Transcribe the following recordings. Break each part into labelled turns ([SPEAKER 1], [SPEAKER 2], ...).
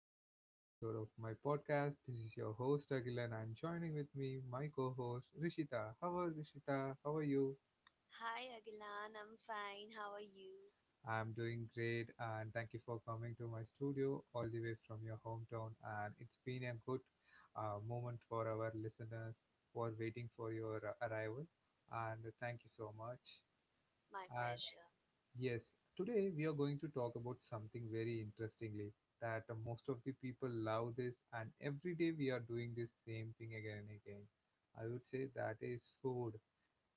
[SPEAKER 1] to the another episode of my podcast. This is your host Agilan and joining with me my co-host Rishita. How are Rishita? How are you?
[SPEAKER 2] Hi, Agilan. I'm fine. How are you?
[SPEAKER 1] I'm doing great and thank you for coming to my studio all the way from your hometown and it's been a good moment for our listeners who are waiting for your arrival and thank you so much.
[SPEAKER 2] My pleasure.
[SPEAKER 1] Yes, today we are going to talk about something very interestingly that most of the people love this and every day we are doing this same thing again and again. I would say that is food.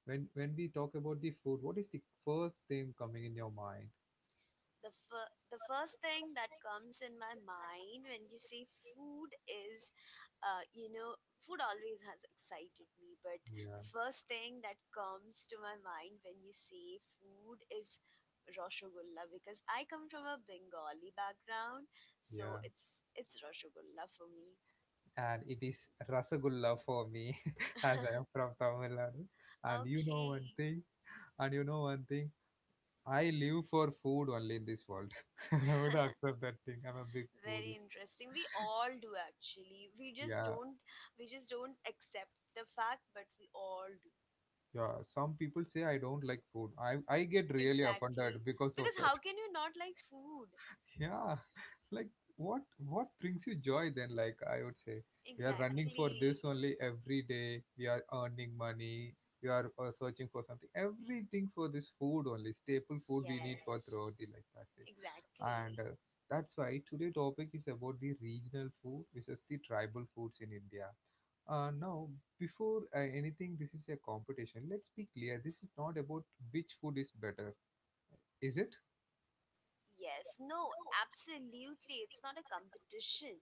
[SPEAKER 1] When we talk about the food, what is the first thing coming in your mind?
[SPEAKER 2] The first thing that comes in my mind when you say food is, uh, you know, food always has excited me, but the
[SPEAKER 1] Yeah,
[SPEAKER 2] first thing that comes to my mind when you say food is Rasgulla because I come from a Bengali background, so
[SPEAKER 1] yeah.
[SPEAKER 2] it's Rasgulla for me.
[SPEAKER 1] And it is rasagulla for me as I am from Tamil Nadu. And you know one
[SPEAKER 2] Okay.
[SPEAKER 1] thing, and you know one thing, I live for food only in this world. I would accept that thing. I'm a big
[SPEAKER 2] Very
[SPEAKER 1] foodie.
[SPEAKER 2] interesting. We all do actually. We just
[SPEAKER 1] Yeah,
[SPEAKER 2] don't we just don't accept the fact, but we all do.
[SPEAKER 1] yeah, some people say I don't like food. I get really
[SPEAKER 2] Exactly.
[SPEAKER 1] offended because of
[SPEAKER 2] Because
[SPEAKER 1] that.
[SPEAKER 2] how can you not like food?
[SPEAKER 1] Yeah, like what what brings you joy then? Like I would say, we are running for
[SPEAKER 2] Exactly.
[SPEAKER 1] this only every day. We are earning money. We are searching for something. Everything for this food only, staple food we need for
[SPEAKER 2] Yes.
[SPEAKER 1] throughout the life. That's it.
[SPEAKER 2] Exactly.
[SPEAKER 1] And that's why today topic is about the regional food versus the tribal foods in India. Now, before anything, this is a competition. Let's be clear. This is not about which food is better, is it?
[SPEAKER 2] Yes, no, absolutely. It's not a competition.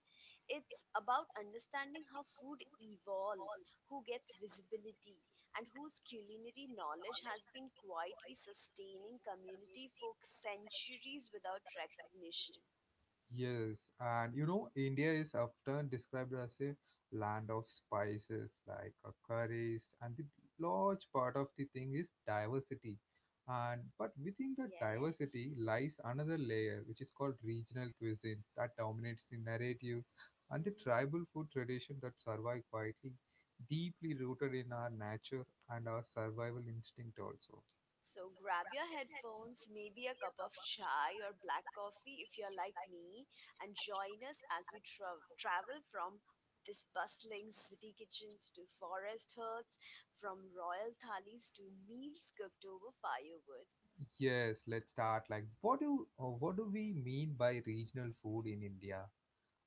[SPEAKER 2] It's about understanding how food evolves, who gets visibility, and whose culinary knowledge has been quietly sustaining community for centuries without recognition.
[SPEAKER 1] Yes, and you know, India is often described as a land of spices, like curries, and the large part of the thing is diversity. And but within the
[SPEAKER 2] Yes.
[SPEAKER 1] diversity lies another layer, which is called regional cuisines that dominates the narrative, and the
[SPEAKER 2] Mm-hmm.
[SPEAKER 1] tribal food tradition that survive quietly, deeply rooted in our nature and our survival instinct also.
[SPEAKER 2] So grab your headphones, maybe a cup of chai or black coffee if you're like me, and join us as we travel from this bustling city kitchens to forest huts, from royal thalis to meals cooked over firewood.
[SPEAKER 1] Yes, let's start. Like, what do we mean by regional food in India?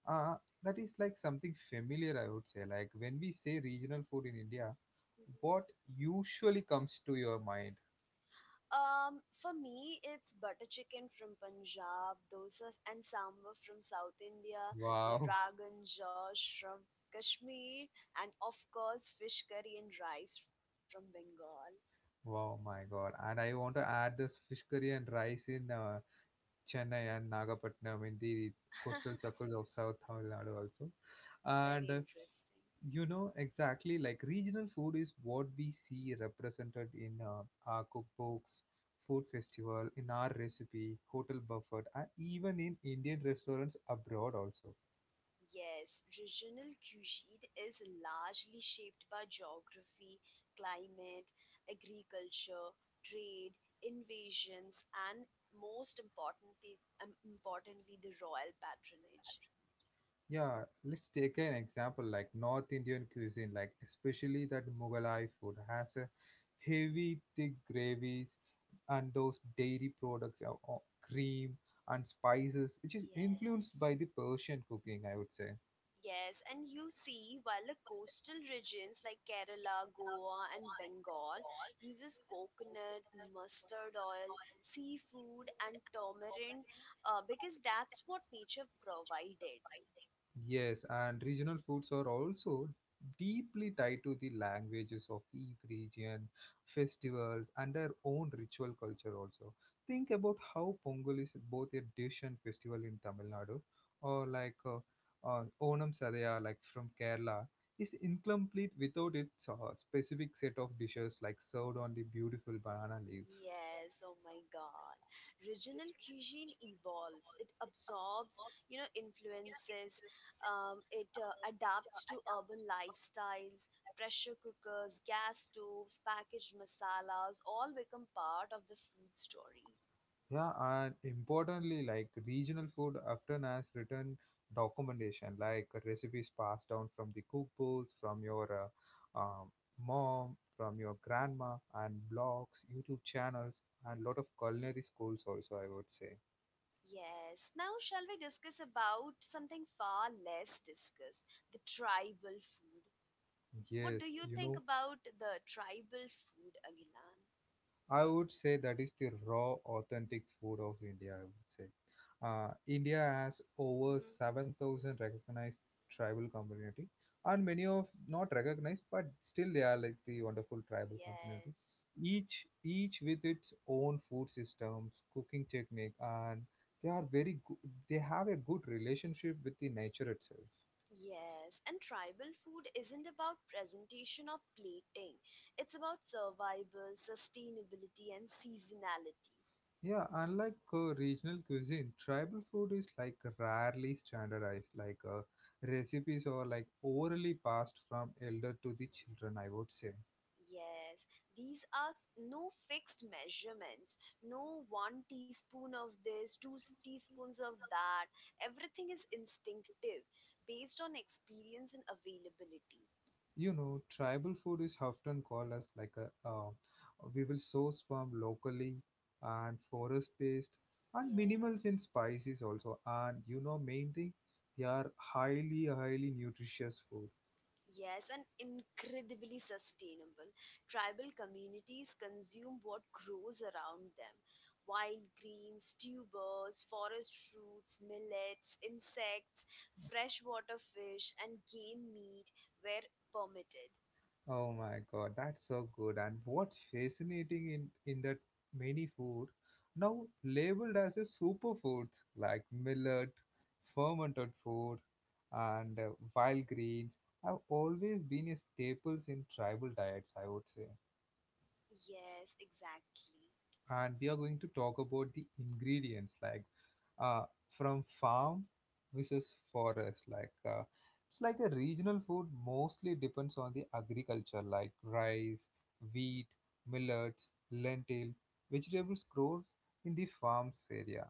[SPEAKER 1] Uh, that is like something familiar, I would say. Like when we say regional food in India, what usually comes to your mind?
[SPEAKER 2] For me, it's butter chicken from Punjab, dosa and sambar from South India, the
[SPEAKER 1] Wow,
[SPEAKER 2] ragan josh from Kashmir, and of course, fish curry and rice from Bengal.
[SPEAKER 1] wow, my God. And I want to add this fish curry and rice in Chennai and Nagapattinam in the coastal circles of South Tamil Nadu also.
[SPEAKER 2] Very
[SPEAKER 1] And
[SPEAKER 2] interesting.
[SPEAKER 1] you know, exactly like regional food is what we see represented in our cookbooks, food festival, in our recipe, hotel buffet, and even in Indian restaurants abroad also.
[SPEAKER 2] Yes, regional cuisine is largely shaped by geography, climate, agriculture, trade, invasions, and most importantly, the royal patronage.
[SPEAKER 1] Yeah, let's take an example like North Indian cuisine, like especially that Mughalai food has a
[SPEAKER 2] Mhm.
[SPEAKER 1] heavy thick gravies and those dairy products, cream and spices, which is influenced
[SPEAKER 2] Yes.
[SPEAKER 1] by the Persian cooking, I would say.
[SPEAKER 2] Yes, and you see, while the coastal regions like Kerala, Goa, and Bengal uses coconut, mustard oil, seafood, and tamarind because that's what nature provided.
[SPEAKER 1] Yes, and regional foods are also deeply tied to the languages of each region, festivals, and their own ritual culture also. Think about how Pongal is both a dish and festival in Tamil Nadu, or like Onam Sadaya, like from Kerala, is incomplete without its specific set of dishes like served on the beautiful banana leaves.
[SPEAKER 2] Yes, oh my god. Regional cuisine evolves. It absorbs, influences. It adapts to urban lifestyles. Pressure cookers, gas stoves, packaged masalas all become part of the food story.
[SPEAKER 1] Yeah, and importantly, like regional food often has written documentation, like recipes passed down from the cookbooks, from your uh, um, mom, from your grandma, and blogs, YouTube channels, and lot of culinary schools also, I would say.
[SPEAKER 2] Yes. Now, shall we discuss about something far less discussed, the tribal food? What
[SPEAKER 1] Yes,
[SPEAKER 2] do you
[SPEAKER 1] you
[SPEAKER 2] think
[SPEAKER 1] know,
[SPEAKER 2] about the tribal food, Agilan?
[SPEAKER 1] I would say that is the raw, authentic food of India. I would say India has over
[SPEAKER 2] Hmm.
[SPEAKER 1] 7,000 recognized tribal community, and many of not recognized, but still they are like the wonderful tribal community.
[SPEAKER 2] Yes.
[SPEAKER 1] Each with its own food systems, cooking technique, and they are very good. They have a good relationship with the nature itself.
[SPEAKER 2] Yes, and tribal food isn't about presentation or plating. It's about survival, sustainability, and seasonality.
[SPEAKER 1] Yeah, unlike regional cuisine, tribal food is like rarely standardized. Like recipes are like orally passed from elder to the children. I would say,
[SPEAKER 2] Yes, these are no fixed measurements, no one teaspoon of this, teaspoons of that. Everything is instinctive, based on experience and availability.
[SPEAKER 1] you know, tribal food is often called as like a we will source from locally and forest based and minimals
[SPEAKER 2] Yes.
[SPEAKER 1] in spices also. And you know, main thing, they are highly highly nutritious food.
[SPEAKER 2] Yes, and incredibly sustainable. Tribal communities consume what grows around them: wild greens, tubers, forest fruits, millets, insects, freshwater fish, and game meat where permitted.
[SPEAKER 1] Oh my god, that's so good. And what's fascinating in that many food now labeled as a superfoods like millet, fermented food, and wild greens have always been a staples in tribal diets, I would say,
[SPEAKER 2] Yes, exactly.
[SPEAKER 1] and we are going to talk about the ingredients like uh, from farm versus forest like it's like a regional food mostly depends on the agriculture like rice wheat millets lentil vegetables grows in the farms area.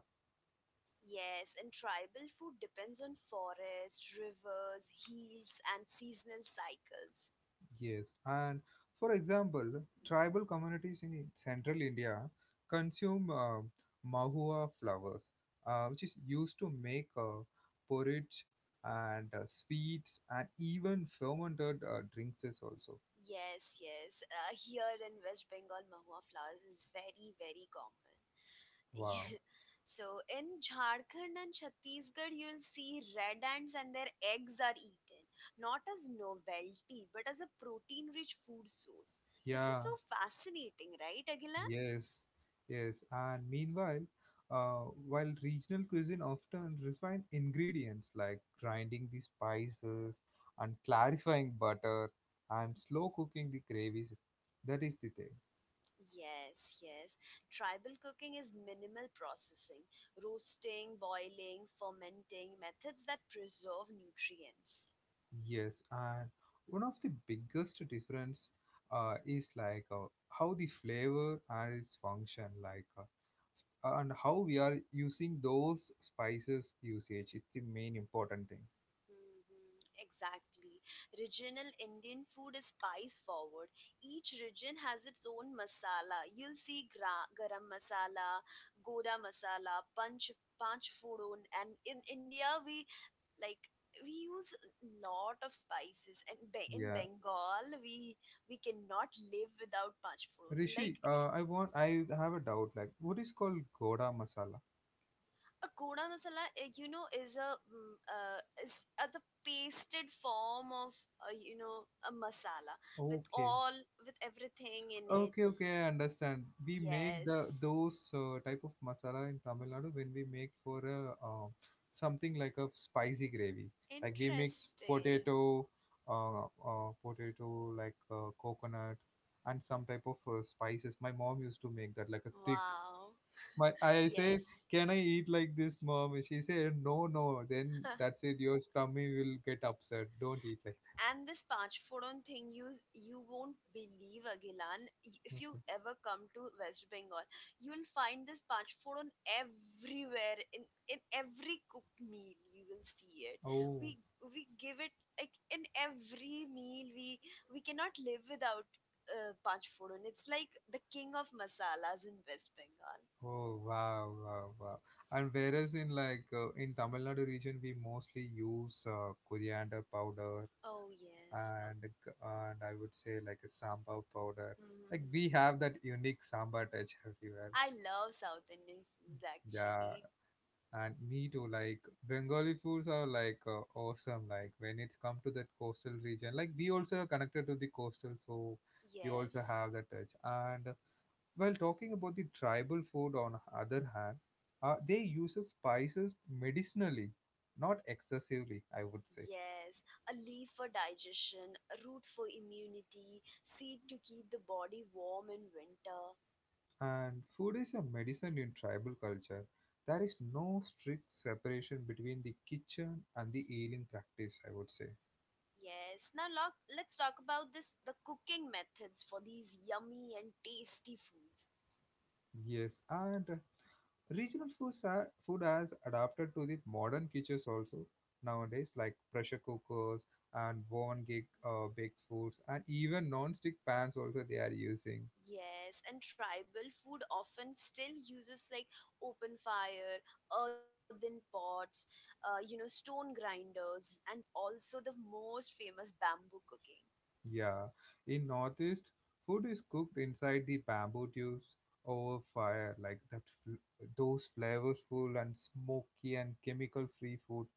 [SPEAKER 2] Yes, and tribal food depends on forests, rivers, hills, and seasonal cycles.
[SPEAKER 1] Yes, and for example, tribal communities in central India consume mahua flowers, which is used to make porridge and sweets and even fermented drinks is also.
[SPEAKER 2] Yes, yes. Here in West Bengal, mahua flowers is very, very common.
[SPEAKER 1] Wow.
[SPEAKER 2] So in Jharkhand and Chhattisgarh, you'll see red ants and their eggs are eaten, not as novelty, but as a protein-rich food source. This is
[SPEAKER 1] Yeah,
[SPEAKER 2] so fascinating, right, Aguilar?
[SPEAKER 1] yes, yes. And meanwhile, while regional cuisine often refine ingredients like grinding the spices and clarifying butter and slow cooking the gravies, that is the thing.
[SPEAKER 2] Yes, yes. Tribal cooking is minimal processing, roasting, boiling, fermenting, methods that preserve nutrients.
[SPEAKER 1] Yes, and one of the biggest difference is like how the flavor and its function, like and how we are using those spices usage. It's the main important thing.
[SPEAKER 2] Mhm. Exactly. Regional Indian food is spice forward. Each region has its own masala. You'll see garam masala, goda masala, punch fodon, and in India we like we use lot of spices. In
[SPEAKER 1] Yeah.
[SPEAKER 2] Bengal we cannot live without punch fodon. Like
[SPEAKER 1] Rishi, I have a doubt like what is called goda masala?
[SPEAKER 2] a koda masala, is a, is a, the pasted form of, a masala with
[SPEAKER 1] Okay.
[SPEAKER 2] all, with everything in it.
[SPEAKER 1] Okay, okay, I understand. We make the
[SPEAKER 2] Yes,
[SPEAKER 1] those type of masala in Tamil Nadu when we make for a something like a spicy gravy. Like we mix
[SPEAKER 2] interesting.
[SPEAKER 1] potato, potato like coconut and some type of spices. My mom used to make that like a thick.
[SPEAKER 2] Wow.
[SPEAKER 1] My I say,
[SPEAKER 2] Yes.
[SPEAKER 1] can I eat like this, mom? She said, no, no. Then that's it. Your tummy will get upset. Don't eat like
[SPEAKER 2] And this Panchforon thing, you won't believe, Agilan.
[SPEAKER 1] that.
[SPEAKER 2] If you
[SPEAKER 1] Okay.
[SPEAKER 2] ever come to West Bengal, you'll find this Panchforon everywhere, in every cooked meal. You will see it.
[SPEAKER 1] Oh,
[SPEAKER 2] We we give it like in every meal. We cannot live without Panchforon. It's like the king of masalas in West Bengal.
[SPEAKER 1] oh, wow, wow, wow. And whereas in like in Tamil Nadu region, we mostly use coriander powder
[SPEAKER 2] Oh yes. Oh,
[SPEAKER 1] and I would say like a sambar powder. Like we
[SPEAKER 2] mhm.
[SPEAKER 1] have that unique sambar touch everywhere.
[SPEAKER 2] I love South Indian foods
[SPEAKER 1] Yeah,
[SPEAKER 2] actually.
[SPEAKER 1] and me too, like Bengali foods are like awesome. Like when it's come to that coastal region, like we also are connected to the coastal, so we also
[SPEAKER 2] Yes.
[SPEAKER 1] have that touch. And while talking about the tribal food, on other hand, they use spices medicinally, not excessively, I would say.
[SPEAKER 2] Yes, a leaf for digestion, a root for immunity, seed to keep the body warm in winter.
[SPEAKER 1] And food is a medicine in tribal culture. There is no strict separation between the kitchen and the healing practice, I would say.
[SPEAKER 2] Yes, now look, let's talk about this the cooking methods for these yummy and tasty foods.
[SPEAKER 1] Yes, and regional foods are, food has adapted to the modern kitchens also nowadays, like pressure cookers and oven gig, baked foods, and even non-stick pans also they are using.
[SPEAKER 2] Yes, and tribal food often still uses like open fire, earthen pots, stone grinders, and also the most famous bamboo cooking.
[SPEAKER 1] Yeah, in Northeast, food is cooked inside the bamboo tubes over fire, like that. Those flavorful and smoky and chemical-free food.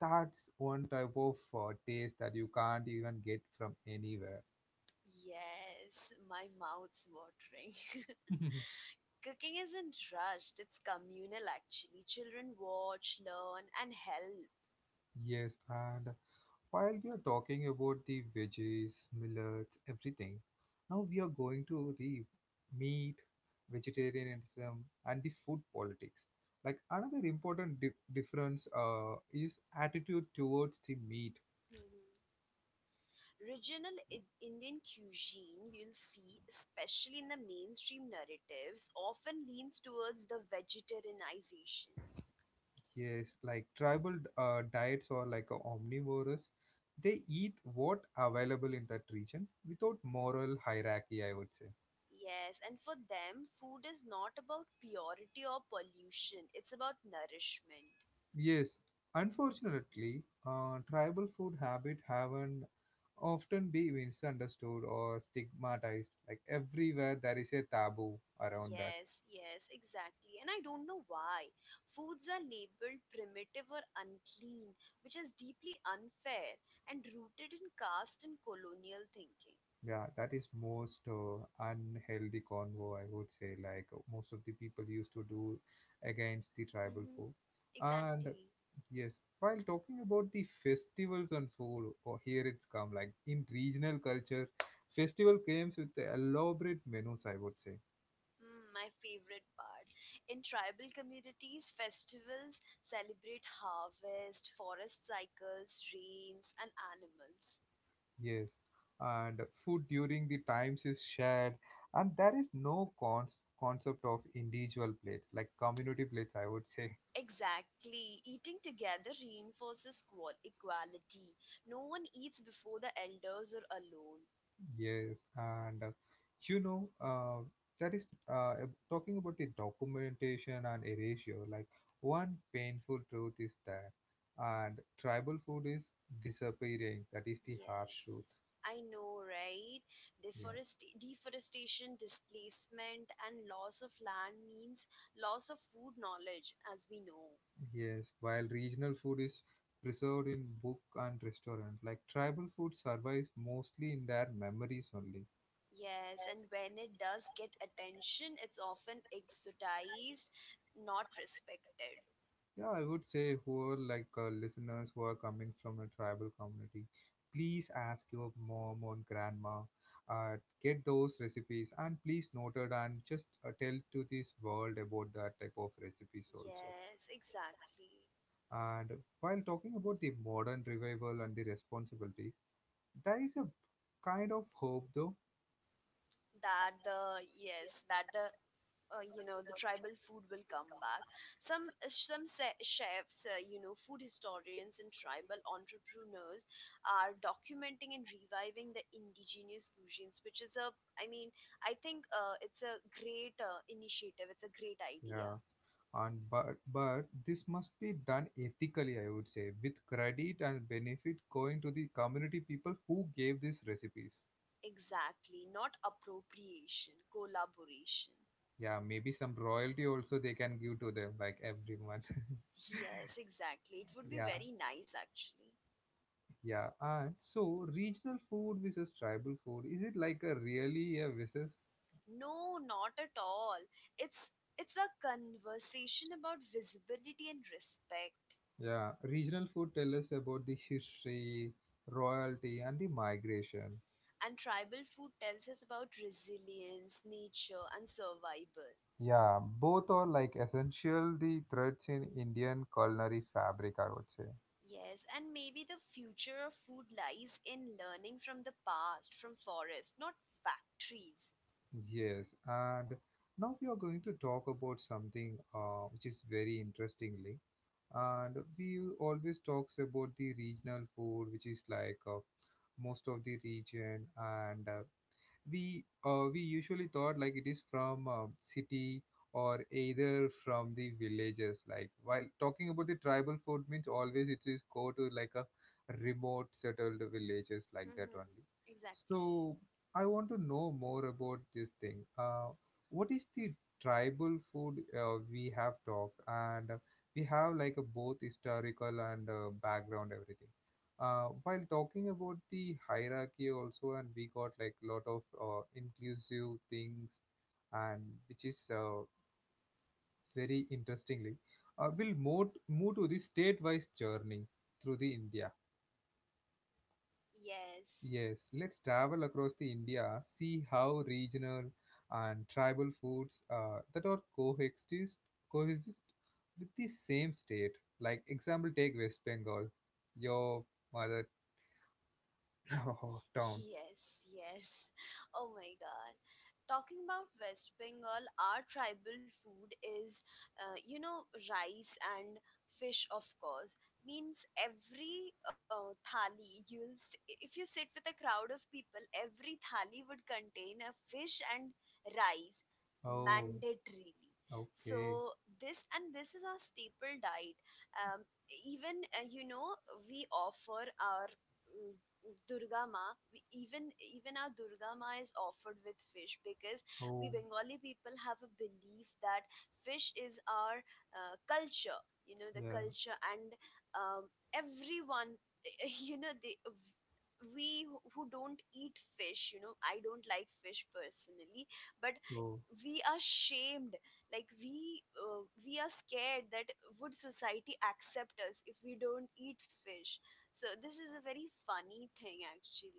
[SPEAKER 1] That's one type of taste that you can't even get from anywhere.
[SPEAKER 2] Yes, my mouth's watering. Cooking isn't rushed, it's communal actually. Children watch, learn, and help.
[SPEAKER 1] Yes, and while we are talking about the veggies, millets, everything, now we are going to the meat, vegetarianism, and the food politics. Like another important difference is attitude towards the meat.
[SPEAKER 2] Mm-hmm. Indian cuisine, you'll see, especially in the mainstream narratives, often leans towards the vegetarianization.
[SPEAKER 1] Yes, like tribal diets are like omnivorous. They eat what available in that region without moral hierarchy, I would say.
[SPEAKER 2] Yes, and for them, food is not about purity or pollution, it's about nourishment.
[SPEAKER 1] Yes, unfortunately, tribal food habit haven't often be misunderstood or stigmatized. Like everywhere, there is a taboo around that.
[SPEAKER 2] Yes, yes, exactly. And I don't know why. Foods are labeled primitive or unclean, which is deeply unfair and rooted in caste and colonial thinking.
[SPEAKER 1] Yeah, that is most unhealthy convo, I would say. Like most of the people used to do against the tribal
[SPEAKER 2] Hmm.
[SPEAKER 1] food. And
[SPEAKER 2] Exactly.
[SPEAKER 1] yes, while talking about the festivals and food, or here it's come like in regional culture, festival comes with the elaborate menus, I would say.
[SPEAKER 2] Mm, my favorite part. In tribal communities, festivals celebrate harvest, forest cycles, rains, and animals.
[SPEAKER 1] Yes, and food during the times is shared, and there is no cons concept of individual plates, like community plates, I would say.
[SPEAKER 2] Exactly. Eating together reinforces equality. No one eats before the elders or alone.
[SPEAKER 1] Yes, and you know, that is talking about the documentation and erasure. Like one painful truth is that, and tribal food is disappearing. That is the harsh truth.
[SPEAKER 2] Yes, I know, right?
[SPEAKER 1] Yeah.
[SPEAKER 2] Deforestation, displacement, and loss of land means loss of food knowledge, as we know.
[SPEAKER 1] Yes, while regional food is preserved in book and restaurant, like tribal food survives mostly in their memories only.
[SPEAKER 2] Yes, and when it does get attention, it's often exoticized, not respected.
[SPEAKER 1] Yeah, I would say who are like listeners who are coming from a tribal community, please ask your mom or grandma, uh, get those recipes and please note it and just tell to this world about that type of recipes also.
[SPEAKER 2] Yes, exactly.
[SPEAKER 1] And while talking about the modern revival and the responsibilities, there is a kind of hope though.
[SPEAKER 2] That the yes, that the you know The tribal food will come back. Some chefs, food historians and tribal entrepreneurs are documenting and reviving the indigenous cuisines, which is a, I mean I think it's a great initiative, it's a great idea.
[SPEAKER 1] Yeah. And but this must be done ethically, I would say, with credit and benefit going to the community people who gave these recipes.
[SPEAKER 2] Exactly, not appropriation, collaboration.
[SPEAKER 1] Yeah, maybe some royalty also they can give to them like every month.
[SPEAKER 2] Yes, exactly, it would be
[SPEAKER 1] Yeah,
[SPEAKER 2] very nice actually.
[SPEAKER 1] yeah. And so regional food versus tribal food, is it like a really a versus?
[SPEAKER 2] No, not at all. It's it's a conversation about visibility and respect.
[SPEAKER 1] Yeah, regional food tell us about the history, royalty, and the migration.
[SPEAKER 2] And tribal food tells us about resilience, nature, and survival.
[SPEAKER 1] Yeah, both are like essential the threads in Indian culinary fabric, I would say.
[SPEAKER 2] Yes, and maybe the future of food lies in learning from the past, from forests, not factories.
[SPEAKER 1] Yes, and now we are going to talk about something which is very interestingly, and we always talks about the regional food, which is like most of the region, and we usually thought like it is from city or either from the villages. Like while talking about the tribal food means always it is go to like a remote settled villages like that
[SPEAKER 2] Hmm.
[SPEAKER 1] only.
[SPEAKER 2] Exactly.
[SPEAKER 1] So I want to know more about this thing, what is the tribal food. Uh, we have talked, and we have like a both historical and background everything, while talking about the hierarchy also, and we got like a lot of inclusive things. And which is very interestingly, we'll
[SPEAKER 2] Hmm.
[SPEAKER 1] move to the state-wise journey through the India.
[SPEAKER 2] Yes.
[SPEAKER 1] Yes, let's travel across the India, see how regional and tribal foods that are coexist with the same state. Like example, take West Bengal, your mother town.
[SPEAKER 2] Yes, yes. Oh my god. Talking about West Bengal, our tribal food is, uh, you know, rice and fish, of course. Means every thali, you'll if you sit with a crowd of people, every thali would contain a fish and rice,
[SPEAKER 1] Oh.
[SPEAKER 2] mandatorily.
[SPEAKER 1] Okay.
[SPEAKER 2] So this, and this is our staple diet. Um, even, we offer our, mm, Durga Ma, we even our Durga Ma is offered with fish because we
[SPEAKER 1] Oh,
[SPEAKER 2] Bengali people have a belief that fish is our culture. You know, the
[SPEAKER 1] yeah.
[SPEAKER 2] culture and, um, everyone. You know, they, we who don't eat fish. You know, I don't like fish personally, but
[SPEAKER 1] Go.
[SPEAKER 2] we are shamed, like we, we are scared that, would society accept us if we don't eat fish? So this is a very funny thing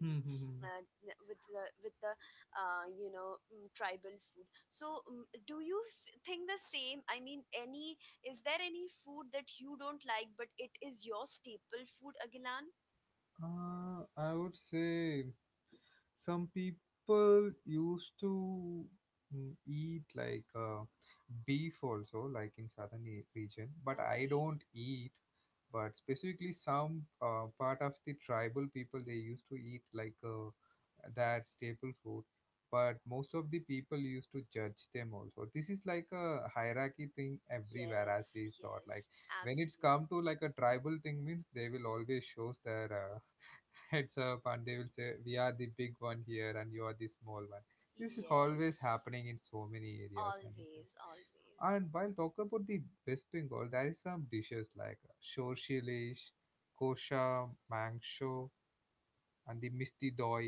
[SPEAKER 1] Hmm. Hmm, hmm.
[SPEAKER 2] uh, with the tribal food. So, do you think the same? I mean, any, is there any food that you don't like but it is your staple food, Agilan?
[SPEAKER 1] I would say some people used to eat like beef also, like in southern region. But I
[SPEAKER 2] Okay.
[SPEAKER 1] don't eat. But specifically, some part of the tribal people, they used to eat like that staple food. But most of the people used to judge them also. This is like a hierarchy thing everywhere, as
[SPEAKER 2] Yes.
[SPEAKER 1] we thought. Like
[SPEAKER 2] Yes.
[SPEAKER 1] when it's
[SPEAKER 2] Absolutely.
[SPEAKER 1] come to like a tribal thing means they will always shows their heads up, and they will say we are the big one here and you are the small one. This is always
[SPEAKER 2] Yes.
[SPEAKER 1] happening in so many areas, and it's
[SPEAKER 2] Always. Always.
[SPEAKER 1] and while talking about the West Bengal, there is some dishes like shorshilish, kosha mangsho, and the misti doi.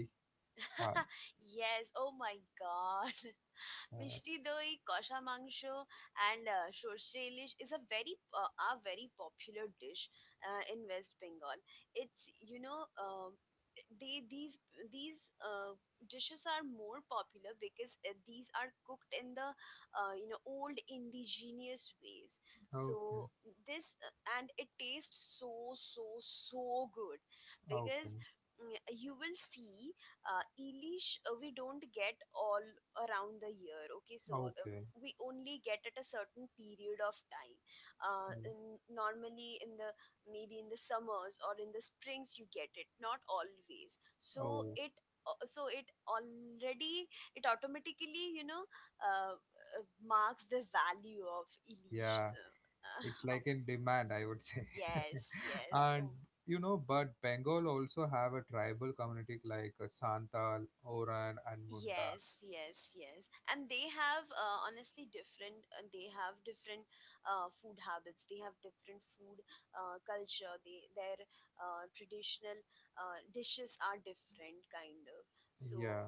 [SPEAKER 1] uh,
[SPEAKER 2] Yes. Oh my God.
[SPEAKER 1] uh,
[SPEAKER 2] মিষ্টি দই, কষা মাংস, and আহ, সর্ষে ইলিশ is a very, a very popular dish in West Bengal. It's, you know they these, these uh, dishes are more popular because these are cooked in the, old indigenous ways. So
[SPEAKER 1] okay,
[SPEAKER 2] this, and it tastes so, so, so good because,
[SPEAKER 1] okay,
[SPEAKER 2] mm, you will see, elish, we don't get all around the year, okay? So,
[SPEAKER 1] okay.
[SPEAKER 2] we only get at a certain period of time,
[SPEAKER 1] Uh,
[SPEAKER 2] normally in the, maybe in the summers or in the springs you get it, not always. So
[SPEAKER 1] oh
[SPEAKER 2] it, so it already, it automatically, uh, marks the value of elish,
[SPEAKER 1] yeah, it's
[SPEAKER 2] of,
[SPEAKER 1] like in demand, I would say.
[SPEAKER 2] yes, yes.
[SPEAKER 1] And
[SPEAKER 2] Oh.
[SPEAKER 1] you know, but Bengal also have a tribal community, like Santal, Oran, and Munda.
[SPEAKER 2] Yes, yes, yes. And they have, honestly different, they have different food habits, they have different food culture, they, their traditional dishes are different, kind of.
[SPEAKER 1] Yeah,
[SPEAKER 2] So,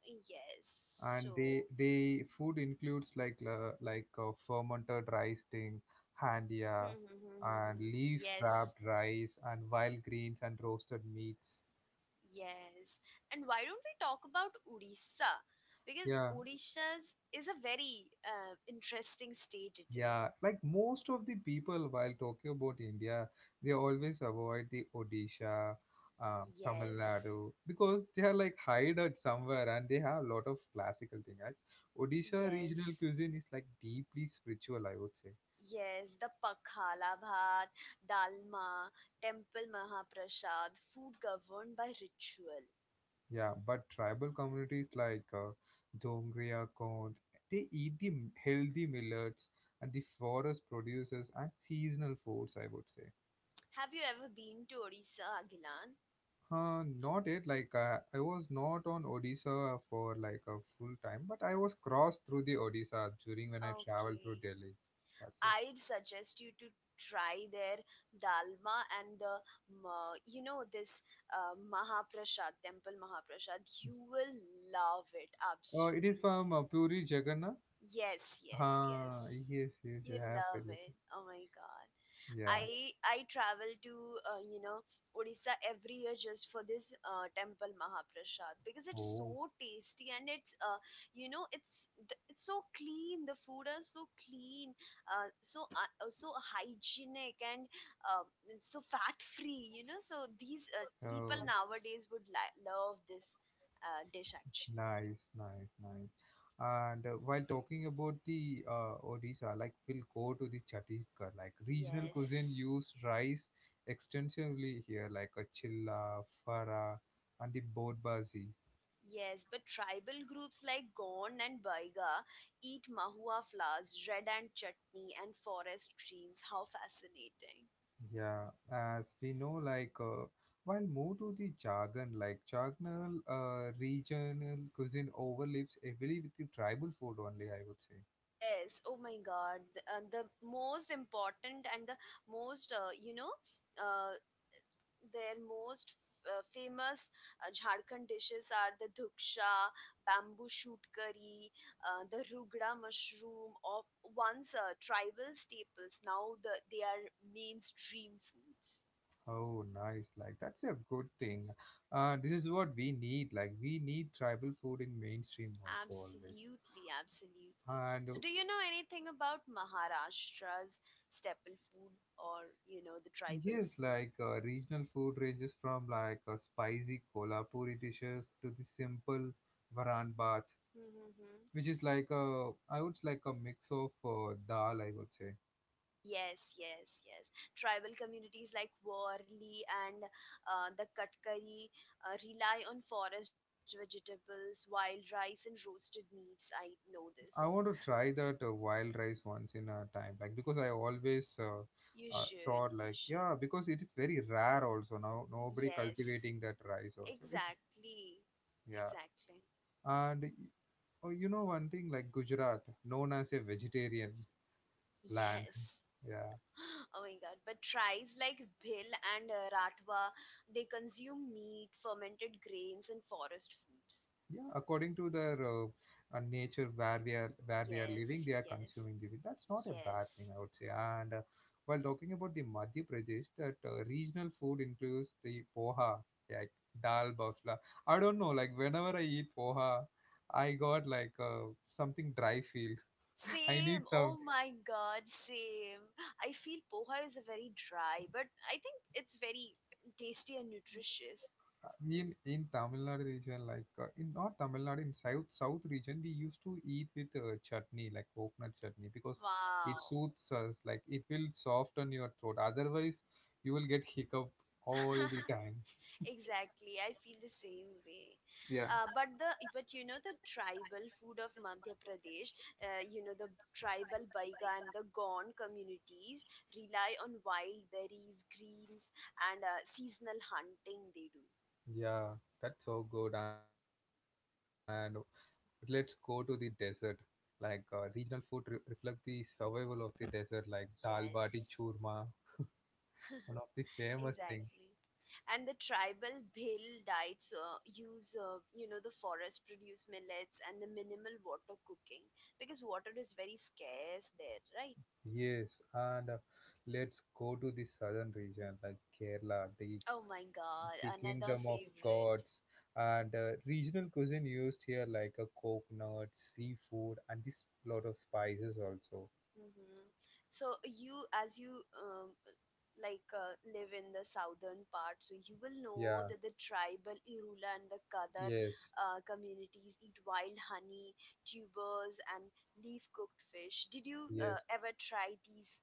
[SPEAKER 2] yes,
[SPEAKER 1] and
[SPEAKER 2] so.
[SPEAKER 1] they food includes like fermented rice thing,
[SPEAKER 2] Hmm, hmm, hmm,
[SPEAKER 1] handia,
[SPEAKER 2] hmm, hmm. Hmm.
[SPEAKER 1] and leaf
[SPEAKER 2] Yes,
[SPEAKER 1] wrapped rice and wild greens and roasted meats.
[SPEAKER 2] yes. And why don't we talk about Odisha? Because
[SPEAKER 1] Yeah,
[SPEAKER 2] Odisha's is a very interesting state, it
[SPEAKER 1] yeah.
[SPEAKER 2] is.
[SPEAKER 1] Like most of the people while talking about India, they always avoid the Odisha, Tamil
[SPEAKER 2] Yes,
[SPEAKER 1] Nadu because they are like hide at somewhere and they have a lot of classical thing. Right? Odisha regional
[SPEAKER 2] yes.
[SPEAKER 1] cuisine is like deeply spiritual, I would say.
[SPEAKER 2] Yes, the Pakhala Bhat, Dalma, Temple Mahaprasad, food governed by ritual.
[SPEAKER 1] Yeah, but tribal communities like Dongria, Kond, they eat the healthy millets and the forest produces and seasonal foods, I would say.
[SPEAKER 2] Have you ever been to Odisha, Agilan?
[SPEAKER 1] Not it, like I was not on Odisha for like a full time, but I was crossed through the Odisha during when I traveled through
[SPEAKER 2] Okay.
[SPEAKER 1] Delhi. That's it.
[SPEAKER 2] I'd suggest you to try their dalma and the, this Mahaprasad, Temple Mahaprasad. You will love it,
[SPEAKER 1] It is from
[SPEAKER 2] absolutely.
[SPEAKER 1] Puri Jagannath.
[SPEAKER 2] Yes, yes, yes.
[SPEAKER 1] Yes, yes,
[SPEAKER 2] You
[SPEAKER 1] I have
[SPEAKER 2] love
[SPEAKER 1] it.
[SPEAKER 2] it. Oh my God.
[SPEAKER 1] Yeah.
[SPEAKER 2] I travel to, Odisha every year just for this temple Mahaprasad because it's
[SPEAKER 1] Oh.
[SPEAKER 2] so tasty and it's, it's it's so clean, the food are so clean, so hygienic and, um, so fat free, you know, so these people
[SPEAKER 1] Oh.
[SPEAKER 2] nowadays would love this dish actually.
[SPEAKER 1] Nice, nice, nice. And while talking about the Odisha, like we'll go to the Chhattisgarh, like regional cuisine
[SPEAKER 2] Yes.
[SPEAKER 1] use rice extensively here, like a chilla, fara, and the bodbazi.
[SPEAKER 2] Yes, but tribal groups like Gond and Baiga eat mahua flowers, red and chutney, and forest greens. How fascinating!
[SPEAKER 1] Yeah, as we know, like while move to the Jagan, like Jaganal regional cuisine overlaps heavily with the tribal food only, I would say.
[SPEAKER 2] Yes, oh my god. The most important and the most, uh, their most famous Jharkhand dishes are the dhuksha, bamboo shoot curry, the rugra mushroom, or once tribal staples. Now they are mainstream foods.
[SPEAKER 1] Oh, nice. Like, that's a good thing. This is what we need. Like, we need tribal food in mainstream also, always.
[SPEAKER 2] Absolutely, absolutely.
[SPEAKER 1] And
[SPEAKER 2] So, do you know anything about Maharashtra's staple food or, you know, the tribal
[SPEAKER 1] yes,
[SPEAKER 2] food?
[SPEAKER 1] like regional food ranges from like spicy kolhapuri dishes to the simple varan bath,
[SPEAKER 2] Mm-hmm.
[SPEAKER 1] which is like a, I would like a mix of dal, I would say.
[SPEAKER 2] Yes, yes, yes. Tribal communities like Warli and, the Katkari rely on forest vegetables, wild rice, and roasted meats. I know this.
[SPEAKER 1] I want to try that wild rice once in a time, like because I always
[SPEAKER 2] You should,
[SPEAKER 1] thought
[SPEAKER 2] you
[SPEAKER 1] like
[SPEAKER 2] should.
[SPEAKER 1] yeah, because it is very rare also now. Nobody
[SPEAKER 2] Yes,
[SPEAKER 1] cultivating that rice also. It's
[SPEAKER 2] exactly,
[SPEAKER 1] yeah,
[SPEAKER 2] exactly.
[SPEAKER 1] and oh, you know one thing, like Gujarat, known as a vegetarian land.
[SPEAKER 2] Yes.
[SPEAKER 1] Yeah.
[SPEAKER 2] Oh my god. But tribes like Bhil and, Ratwa, they consume meat, fermented grains, and forest foods.
[SPEAKER 1] Yeah, according to their nature, where they are living, they
[SPEAKER 2] Yes,
[SPEAKER 1] are
[SPEAKER 2] yes,
[SPEAKER 1] consuming the wheat. That's not a bad thing,
[SPEAKER 2] yes.
[SPEAKER 1] I would say. And while talking about the Madhya Pradesh, that regional food includes the poha, like dal bafla. I don't know, like whenever I eat poha, I got like something dry feel. I need
[SPEAKER 2] Same.
[SPEAKER 1] some.
[SPEAKER 2] Oh my god, same. I feel poha is a very dry, but I think it's very tasty and nutritious.
[SPEAKER 1] In Tamil Nadu region, like in not Tamil Nadu, in south region, we used to eat with chutney like coconut chutney because it
[SPEAKER 2] Wow.
[SPEAKER 1] soothes us, like it will soften your throat. Otherwise, you will get hiccup all the time.
[SPEAKER 2] Exactly, I feel the same way.
[SPEAKER 1] Yeah.
[SPEAKER 2] But the tribal food of Madhya Pradesh, the tribal Baiga and the Gond communities rely on wild berries, greens, and seasonal hunting. They do.
[SPEAKER 1] Yeah, that's so good. And let's go to the desert. Like regional food reflect the survival of the desert, like dal bati
[SPEAKER 2] Yes,
[SPEAKER 1] churma, one of the famous things.
[SPEAKER 2] exactly. And the tribal Bhil diets use the forest produce millets and the minimal water cooking because water is very scarce there, right?
[SPEAKER 1] Yes, and let's go to the southern region, like Kerala.
[SPEAKER 2] Oh my god,
[SPEAKER 1] The
[SPEAKER 2] another
[SPEAKER 1] kingdom of
[SPEAKER 2] favorite.
[SPEAKER 1] gods and regional cuisine used here, like a coconut, seafood, and this lot of spices also.
[SPEAKER 2] Hmm. So as you live in the southern part, so you will know
[SPEAKER 1] Yeah,
[SPEAKER 2] that the tribal Irula and the Kadar
[SPEAKER 1] yes,
[SPEAKER 2] communities eat wild honey, tubers, and leaf-cooked fish. Did you
[SPEAKER 1] yes.
[SPEAKER 2] ever try these?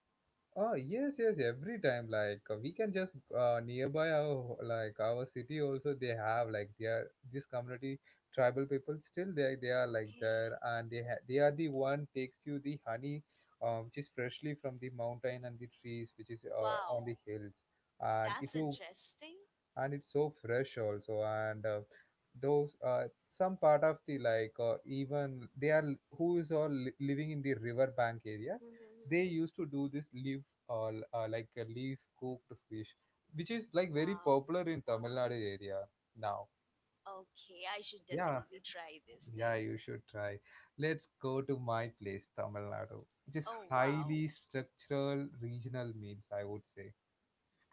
[SPEAKER 1] Oh, yes, yes. Every time, like we can just nearby our like our city also, they have like their this community. Tribal people still, they are like
[SPEAKER 2] Okay.
[SPEAKER 1] there, and they are the one takes you the honey, which is freshly from the mountain and the trees, which is on
[SPEAKER 2] Wow,
[SPEAKER 1] the hills. And if
[SPEAKER 2] that's
[SPEAKER 1] you,
[SPEAKER 2] interesting.
[SPEAKER 1] and it's so fresh also. And those some part of the, like even they are who is all living in the riverbank areas,
[SPEAKER 2] Hmm.
[SPEAKER 1] they used to do this leaf or like a leaf cooked fish, which is like very
[SPEAKER 2] Wow.
[SPEAKER 1] popular in Tamil Nadu area now.
[SPEAKER 2] Okay, I should
[SPEAKER 1] Yeah,
[SPEAKER 2] definitely try this
[SPEAKER 1] yeah,
[SPEAKER 2] then.
[SPEAKER 1] you should try. Let's go to my place Tamil Nadu, which is
[SPEAKER 2] Oh wow.
[SPEAKER 1] highly structural regional meals, I would say.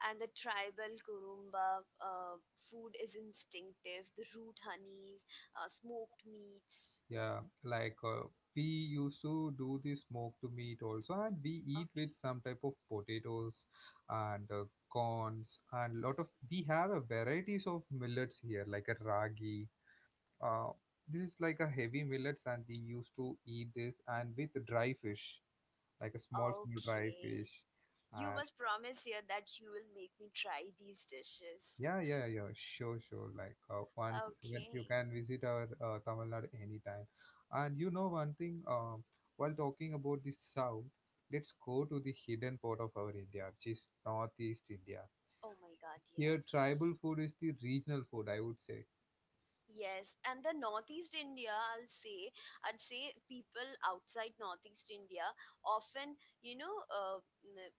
[SPEAKER 2] And the tribal Kurumba food is instinctive. The root honeys, smoked meats.
[SPEAKER 1] Yeah, like we used to do the smoked meat also, and we eat
[SPEAKER 2] Okay.
[SPEAKER 1] with some type of potatoes and corns and lot of. We have a varieties of millets here, like a ragi. Uh, this is like a heavy millets, and we used to eat this and with dry fish, like a small dry
[SPEAKER 2] Okay.
[SPEAKER 1] fish,
[SPEAKER 2] You
[SPEAKER 1] and
[SPEAKER 2] must promise here that you will make me try these dishes.
[SPEAKER 1] yeah, yeah, yeah, sure, sure. Like once when you
[SPEAKER 2] Okay.
[SPEAKER 1] can visit our Tamil Nadu anytime. And you know one thing, while talking about the south, let's go to the hidden part of our India, which is Northeast India.
[SPEAKER 2] Oh my god,
[SPEAKER 1] Here,
[SPEAKER 2] yes.
[SPEAKER 1] tribal food is the regional food, I would say.
[SPEAKER 2] Yes, and the Northeast India, I'd say people outside Northeast India often, you know, uh, n-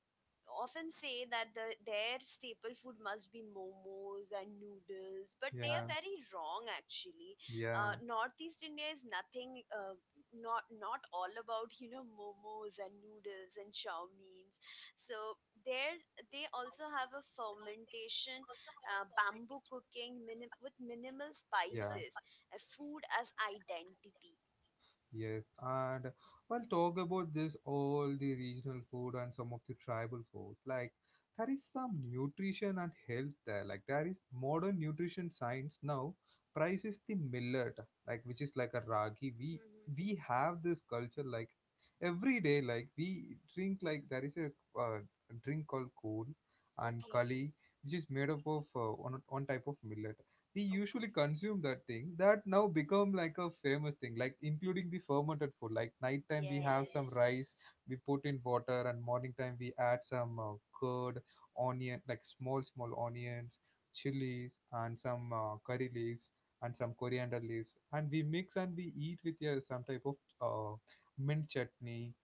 [SPEAKER 2] often say that their staple food must be momos and noodles, but they
[SPEAKER 1] Yeah,
[SPEAKER 2] are very wrong actually.
[SPEAKER 1] yeah,
[SPEAKER 2] Northeast India is nothing, not all about momos and noodles and chow mein. So there they also have a fermentation, with minimal
[SPEAKER 1] yeah.
[SPEAKER 2] spices, food as identity.
[SPEAKER 1] Yes, and we'll talk about this all the regional food and some of the tribal food. Like there is some nutrition and health there. Like there is modern nutrition science now prices the millet, like which is like a ragi. We
[SPEAKER 2] Hmm.
[SPEAKER 1] we have this culture, like every day. Like we drink, like there is a uh, drink called kool and
[SPEAKER 2] Okay,
[SPEAKER 1] kali, which is made up of one type of millet. We
[SPEAKER 2] okay,
[SPEAKER 1] usually consume that thing. That now become like a famous thing, like including the fermented food. Like nighttime we have some rice,
[SPEAKER 2] yes,
[SPEAKER 1] we put in water, and morning time we add some curd, onion, like small small onions, chilies, and some curry leaves, and some coriander leaves, and we mix, and we eat with some type of uh, mint chutney.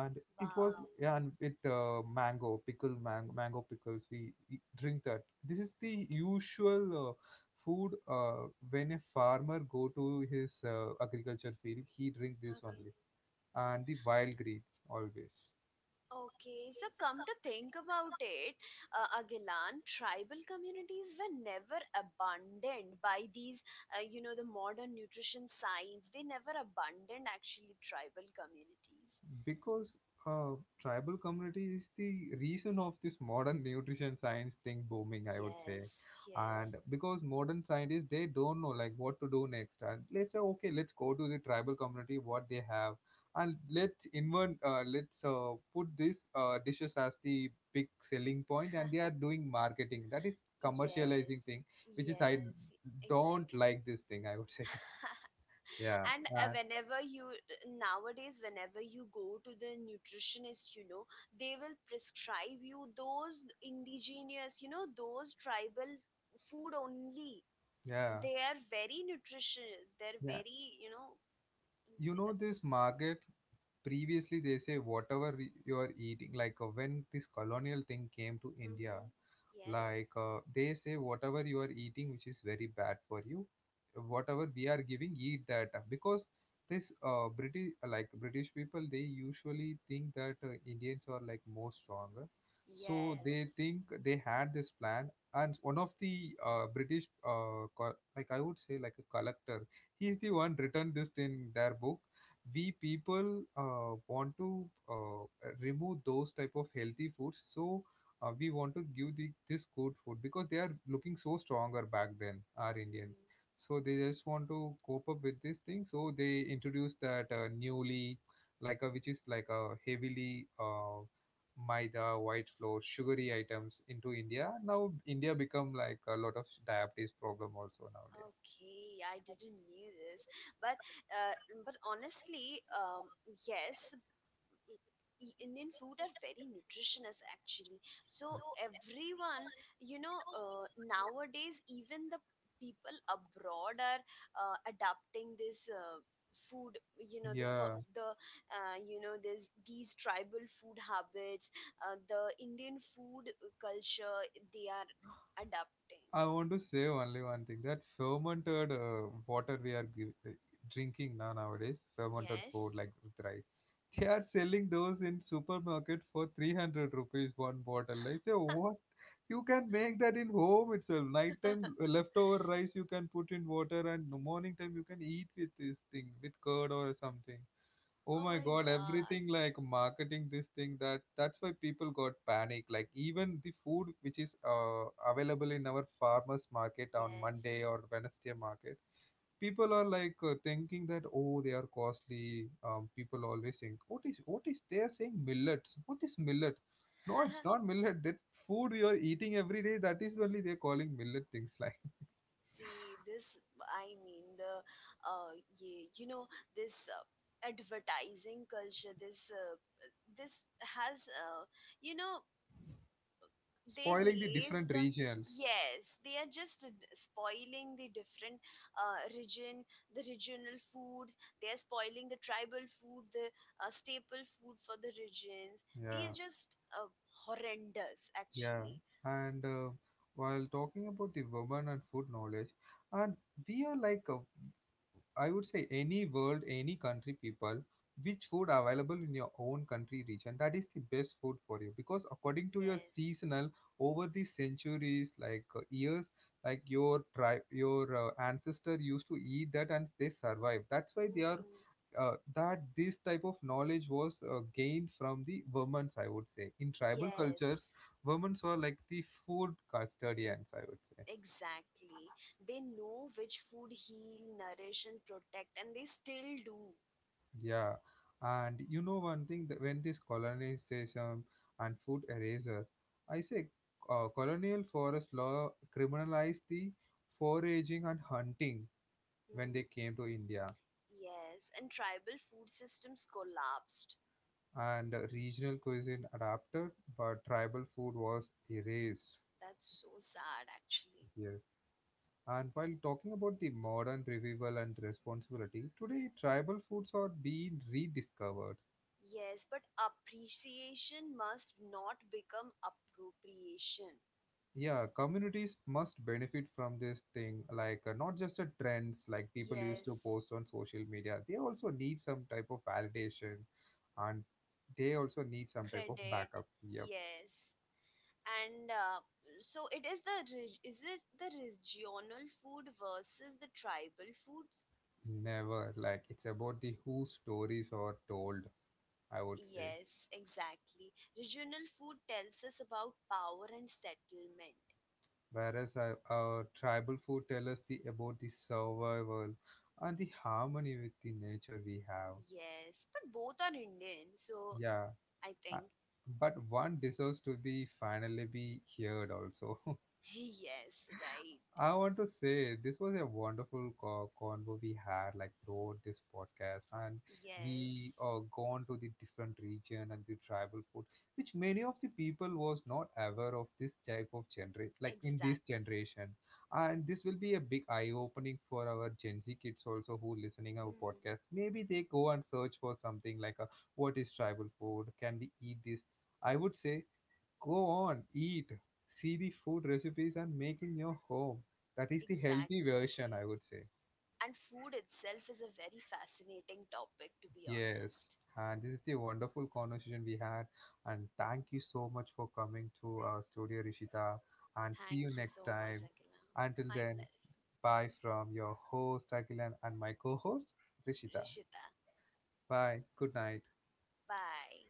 [SPEAKER 1] And it
[SPEAKER 2] wow,
[SPEAKER 1] was, yeah, and with mango pickle. Mango pickles we drink that. This is the usual food, when a farmer go to his agriculture field, he drink this only.
[SPEAKER 2] okay.
[SPEAKER 1] And the wild greens always,
[SPEAKER 2] Okay, so come to think about it, Agilan, tribal communities were never abandoned by these, the modern nutrition science. They never abandoned actually tribal communities.
[SPEAKER 1] because uh, tribal community is the reason of this modern nutrition science thing booming, I would say.
[SPEAKER 2] Yes,
[SPEAKER 1] And
[SPEAKER 2] yes,
[SPEAKER 1] because modern scientists, they don't know like what to do next, and let's say, okay, let's go to the tribal community what they have. And let's invent, let's put these dishes as the big selling point, and they are doing marketing. That is
[SPEAKER 2] yes,
[SPEAKER 1] commercializing thing, which is I
[SPEAKER 2] yes,
[SPEAKER 1] don't
[SPEAKER 2] exactly.
[SPEAKER 1] like this thing, I would say. Yeah.
[SPEAKER 2] And
[SPEAKER 1] And
[SPEAKER 2] whenever you nowadays whenever you go to the nutritionist they will prescribe you those indigenous those tribal food only, so
[SPEAKER 1] yeah,
[SPEAKER 2] they are very nutritious, they're
[SPEAKER 1] yeah,
[SPEAKER 2] very
[SPEAKER 1] you know this market, previously they say whatever you are eating, like when this colonial thing came to India,
[SPEAKER 2] hmm. Yes.
[SPEAKER 1] like they say whatever you are eating, which is very bad for you, whatever we are giving, eat that. Because this British, like British people, they usually think that Indians are like more stronger. So they
[SPEAKER 2] Yes.
[SPEAKER 1] think, they had this plan. And one of the British like I would say like a collector, he's the one written this in their book. We people want to remove those type of healthy foods. So we want to give the, this good food, because they are looking so stronger back then, our Indians.
[SPEAKER 2] Hmm.
[SPEAKER 1] So they just want to cope up with this thing, so they introduce that newly, like a, which is like a heavily maida, white flour, sugary items into India. Now India become like a lot of diabetes problem also nowadays.
[SPEAKER 2] Okay, I didn't knew this, but uh, but honestly, yes, Indian food are very nutritious actually. So everyone, nowadays even the people abroad are adapting this food.
[SPEAKER 1] Yeah,
[SPEAKER 2] There's these tribal food habits, the Indian food culture they are adapting.
[SPEAKER 1] I want to say only one thing, that fermented water we are drinking now nowadays, fermented food
[SPEAKER 2] Yes.
[SPEAKER 1] like with rice, they are selling those in supermarket for 300 rupees one bottle. I say, what? You can make that in home itself. Nighttime leftover rice you can put in water, and the morning time you can eat with this thing with curd or something. Oh
[SPEAKER 2] Oh
[SPEAKER 1] my
[SPEAKER 2] my
[SPEAKER 1] god,
[SPEAKER 2] God.
[SPEAKER 1] everything like marketing this thing. That that's why people got panic, like even the food which is available in our farmers market on Monday
[SPEAKER 2] Yes.
[SPEAKER 1] or Wednesday market, people are like thinking that oh they are costly. Um, people always think what is they are saying millets, what is millet? No, it's not millet, that food you are eating every day, that is only they're calling millet things, like
[SPEAKER 2] See this, I mean uh, yeah, this advertising culture. This has, you know, they
[SPEAKER 1] spoiling the
[SPEAKER 2] raise
[SPEAKER 1] different
[SPEAKER 2] the
[SPEAKER 1] regions.
[SPEAKER 2] yes. They are just spoiling the different region, the regional foods. They are spoiling the tribal food, the staple food for the regions. They
[SPEAKER 1] Yeah.
[SPEAKER 2] are just horrendous,
[SPEAKER 1] Yeah,
[SPEAKER 2] actually.
[SPEAKER 1] and while talking about the women and food knowledge, and we are like, I would say, any world, any country people, which food available in your own country region, that is the best food for you. Because according to your
[SPEAKER 2] Yes.
[SPEAKER 1] seasonal, over the centuries, like years, like your tribe, your ancestor used to eat that and they survive. That's why they are,
[SPEAKER 2] Hmm.
[SPEAKER 1] that this type of knowledge was gained from the women's, I would say. In tribal cultures,
[SPEAKER 2] Yes.
[SPEAKER 1] women were like the food custodians, I would say.
[SPEAKER 2] Exactly. They know which food heal, nourish, and protect, and they still do.
[SPEAKER 1] Yeah, and you know one thing, that when this colonization and food eraser, I say, colonial forest law criminalized the foraging and hunting when they
[SPEAKER 2] Hmm.
[SPEAKER 1] came to India.
[SPEAKER 2] Yes, and tribal food systems collapsed.
[SPEAKER 1] And regional cuisine adapted, but tribal food was erased.
[SPEAKER 2] That's so sad, actually.
[SPEAKER 1] Yes. And while talking about the modern revival and responsibility, today tribal foods are being rediscovered.
[SPEAKER 2] Yes, but appreciation must not become appropriation.
[SPEAKER 1] Yeah, communities must benefit from this thing, like not just a trends like people used to
[SPEAKER 2] Yes,
[SPEAKER 1] post on social media. They also need some type of validation, and they also need some type of
[SPEAKER 2] credit.
[SPEAKER 1] backup. Yep.
[SPEAKER 2] Yes, and so it is is this the regional food versus the tribal food?
[SPEAKER 1] Never. Like it's about the who stories are told, I would say.
[SPEAKER 2] Yes, exactly. Regional food tells us about power and settlement.
[SPEAKER 1] Whereas our tribal food tell us the about the survival and the harmony with the nature we have.
[SPEAKER 2] Yes, but both are Indian, so
[SPEAKER 1] Yeah.
[SPEAKER 2] I
[SPEAKER 1] Uh,
[SPEAKER 2] think.
[SPEAKER 1] but one deserves to be finally be heard also.
[SPEAKER 2] Yes, right.
[SPEAKER 1] I want to say this was a wonderful convo we had, like throughout this podcast. And we
[SPEAKER 2] Yes,
[SPEAKER 1] gone to the different region and the tribal food, which many of the people was not aware of this type of generation, like in this
[SPEAKER 2] exactly.
[SPEAKER 1] generation. And this will be a big eye opening for our Gen Z kids also who
[SPEAKER 2] Hmm,
[SPEAKER 1] listening our podcast. Maybe they go and search for something like a, what is tribal food? Can we eat this? I would say, go on, eat, see the food recipes and make in your home. That is the healthy
[SPEAKER 2] exactly.
[SPEAKER 1] version, I would say.
[SPEAKER 2] And food itself is a very fascinating topic, to be honest.
[SPEAKER 1] Yes, and this is the wonderful conversation we had. And thank you so much for coming to our studio, Rishita. And see
[SPEAKER 2] Thank
[SPEAKER 1] you
[SPEAKER 2] you so
[SPEAKER 1] next
[SPEAKER 2] much,
[SPEAKER 1] time.
[SPEAKER 2] Akila.
[SPEAKER 1] Until
[SPEAKER 2] My pleasure.
[SPEAKER 1] then, bye from your host, Agilan, and my co host, Rishita.
[SPEAKER 2] Rishita,
[SPEAKER 1] Bye. Good night.
[SPEAKER 2] bye.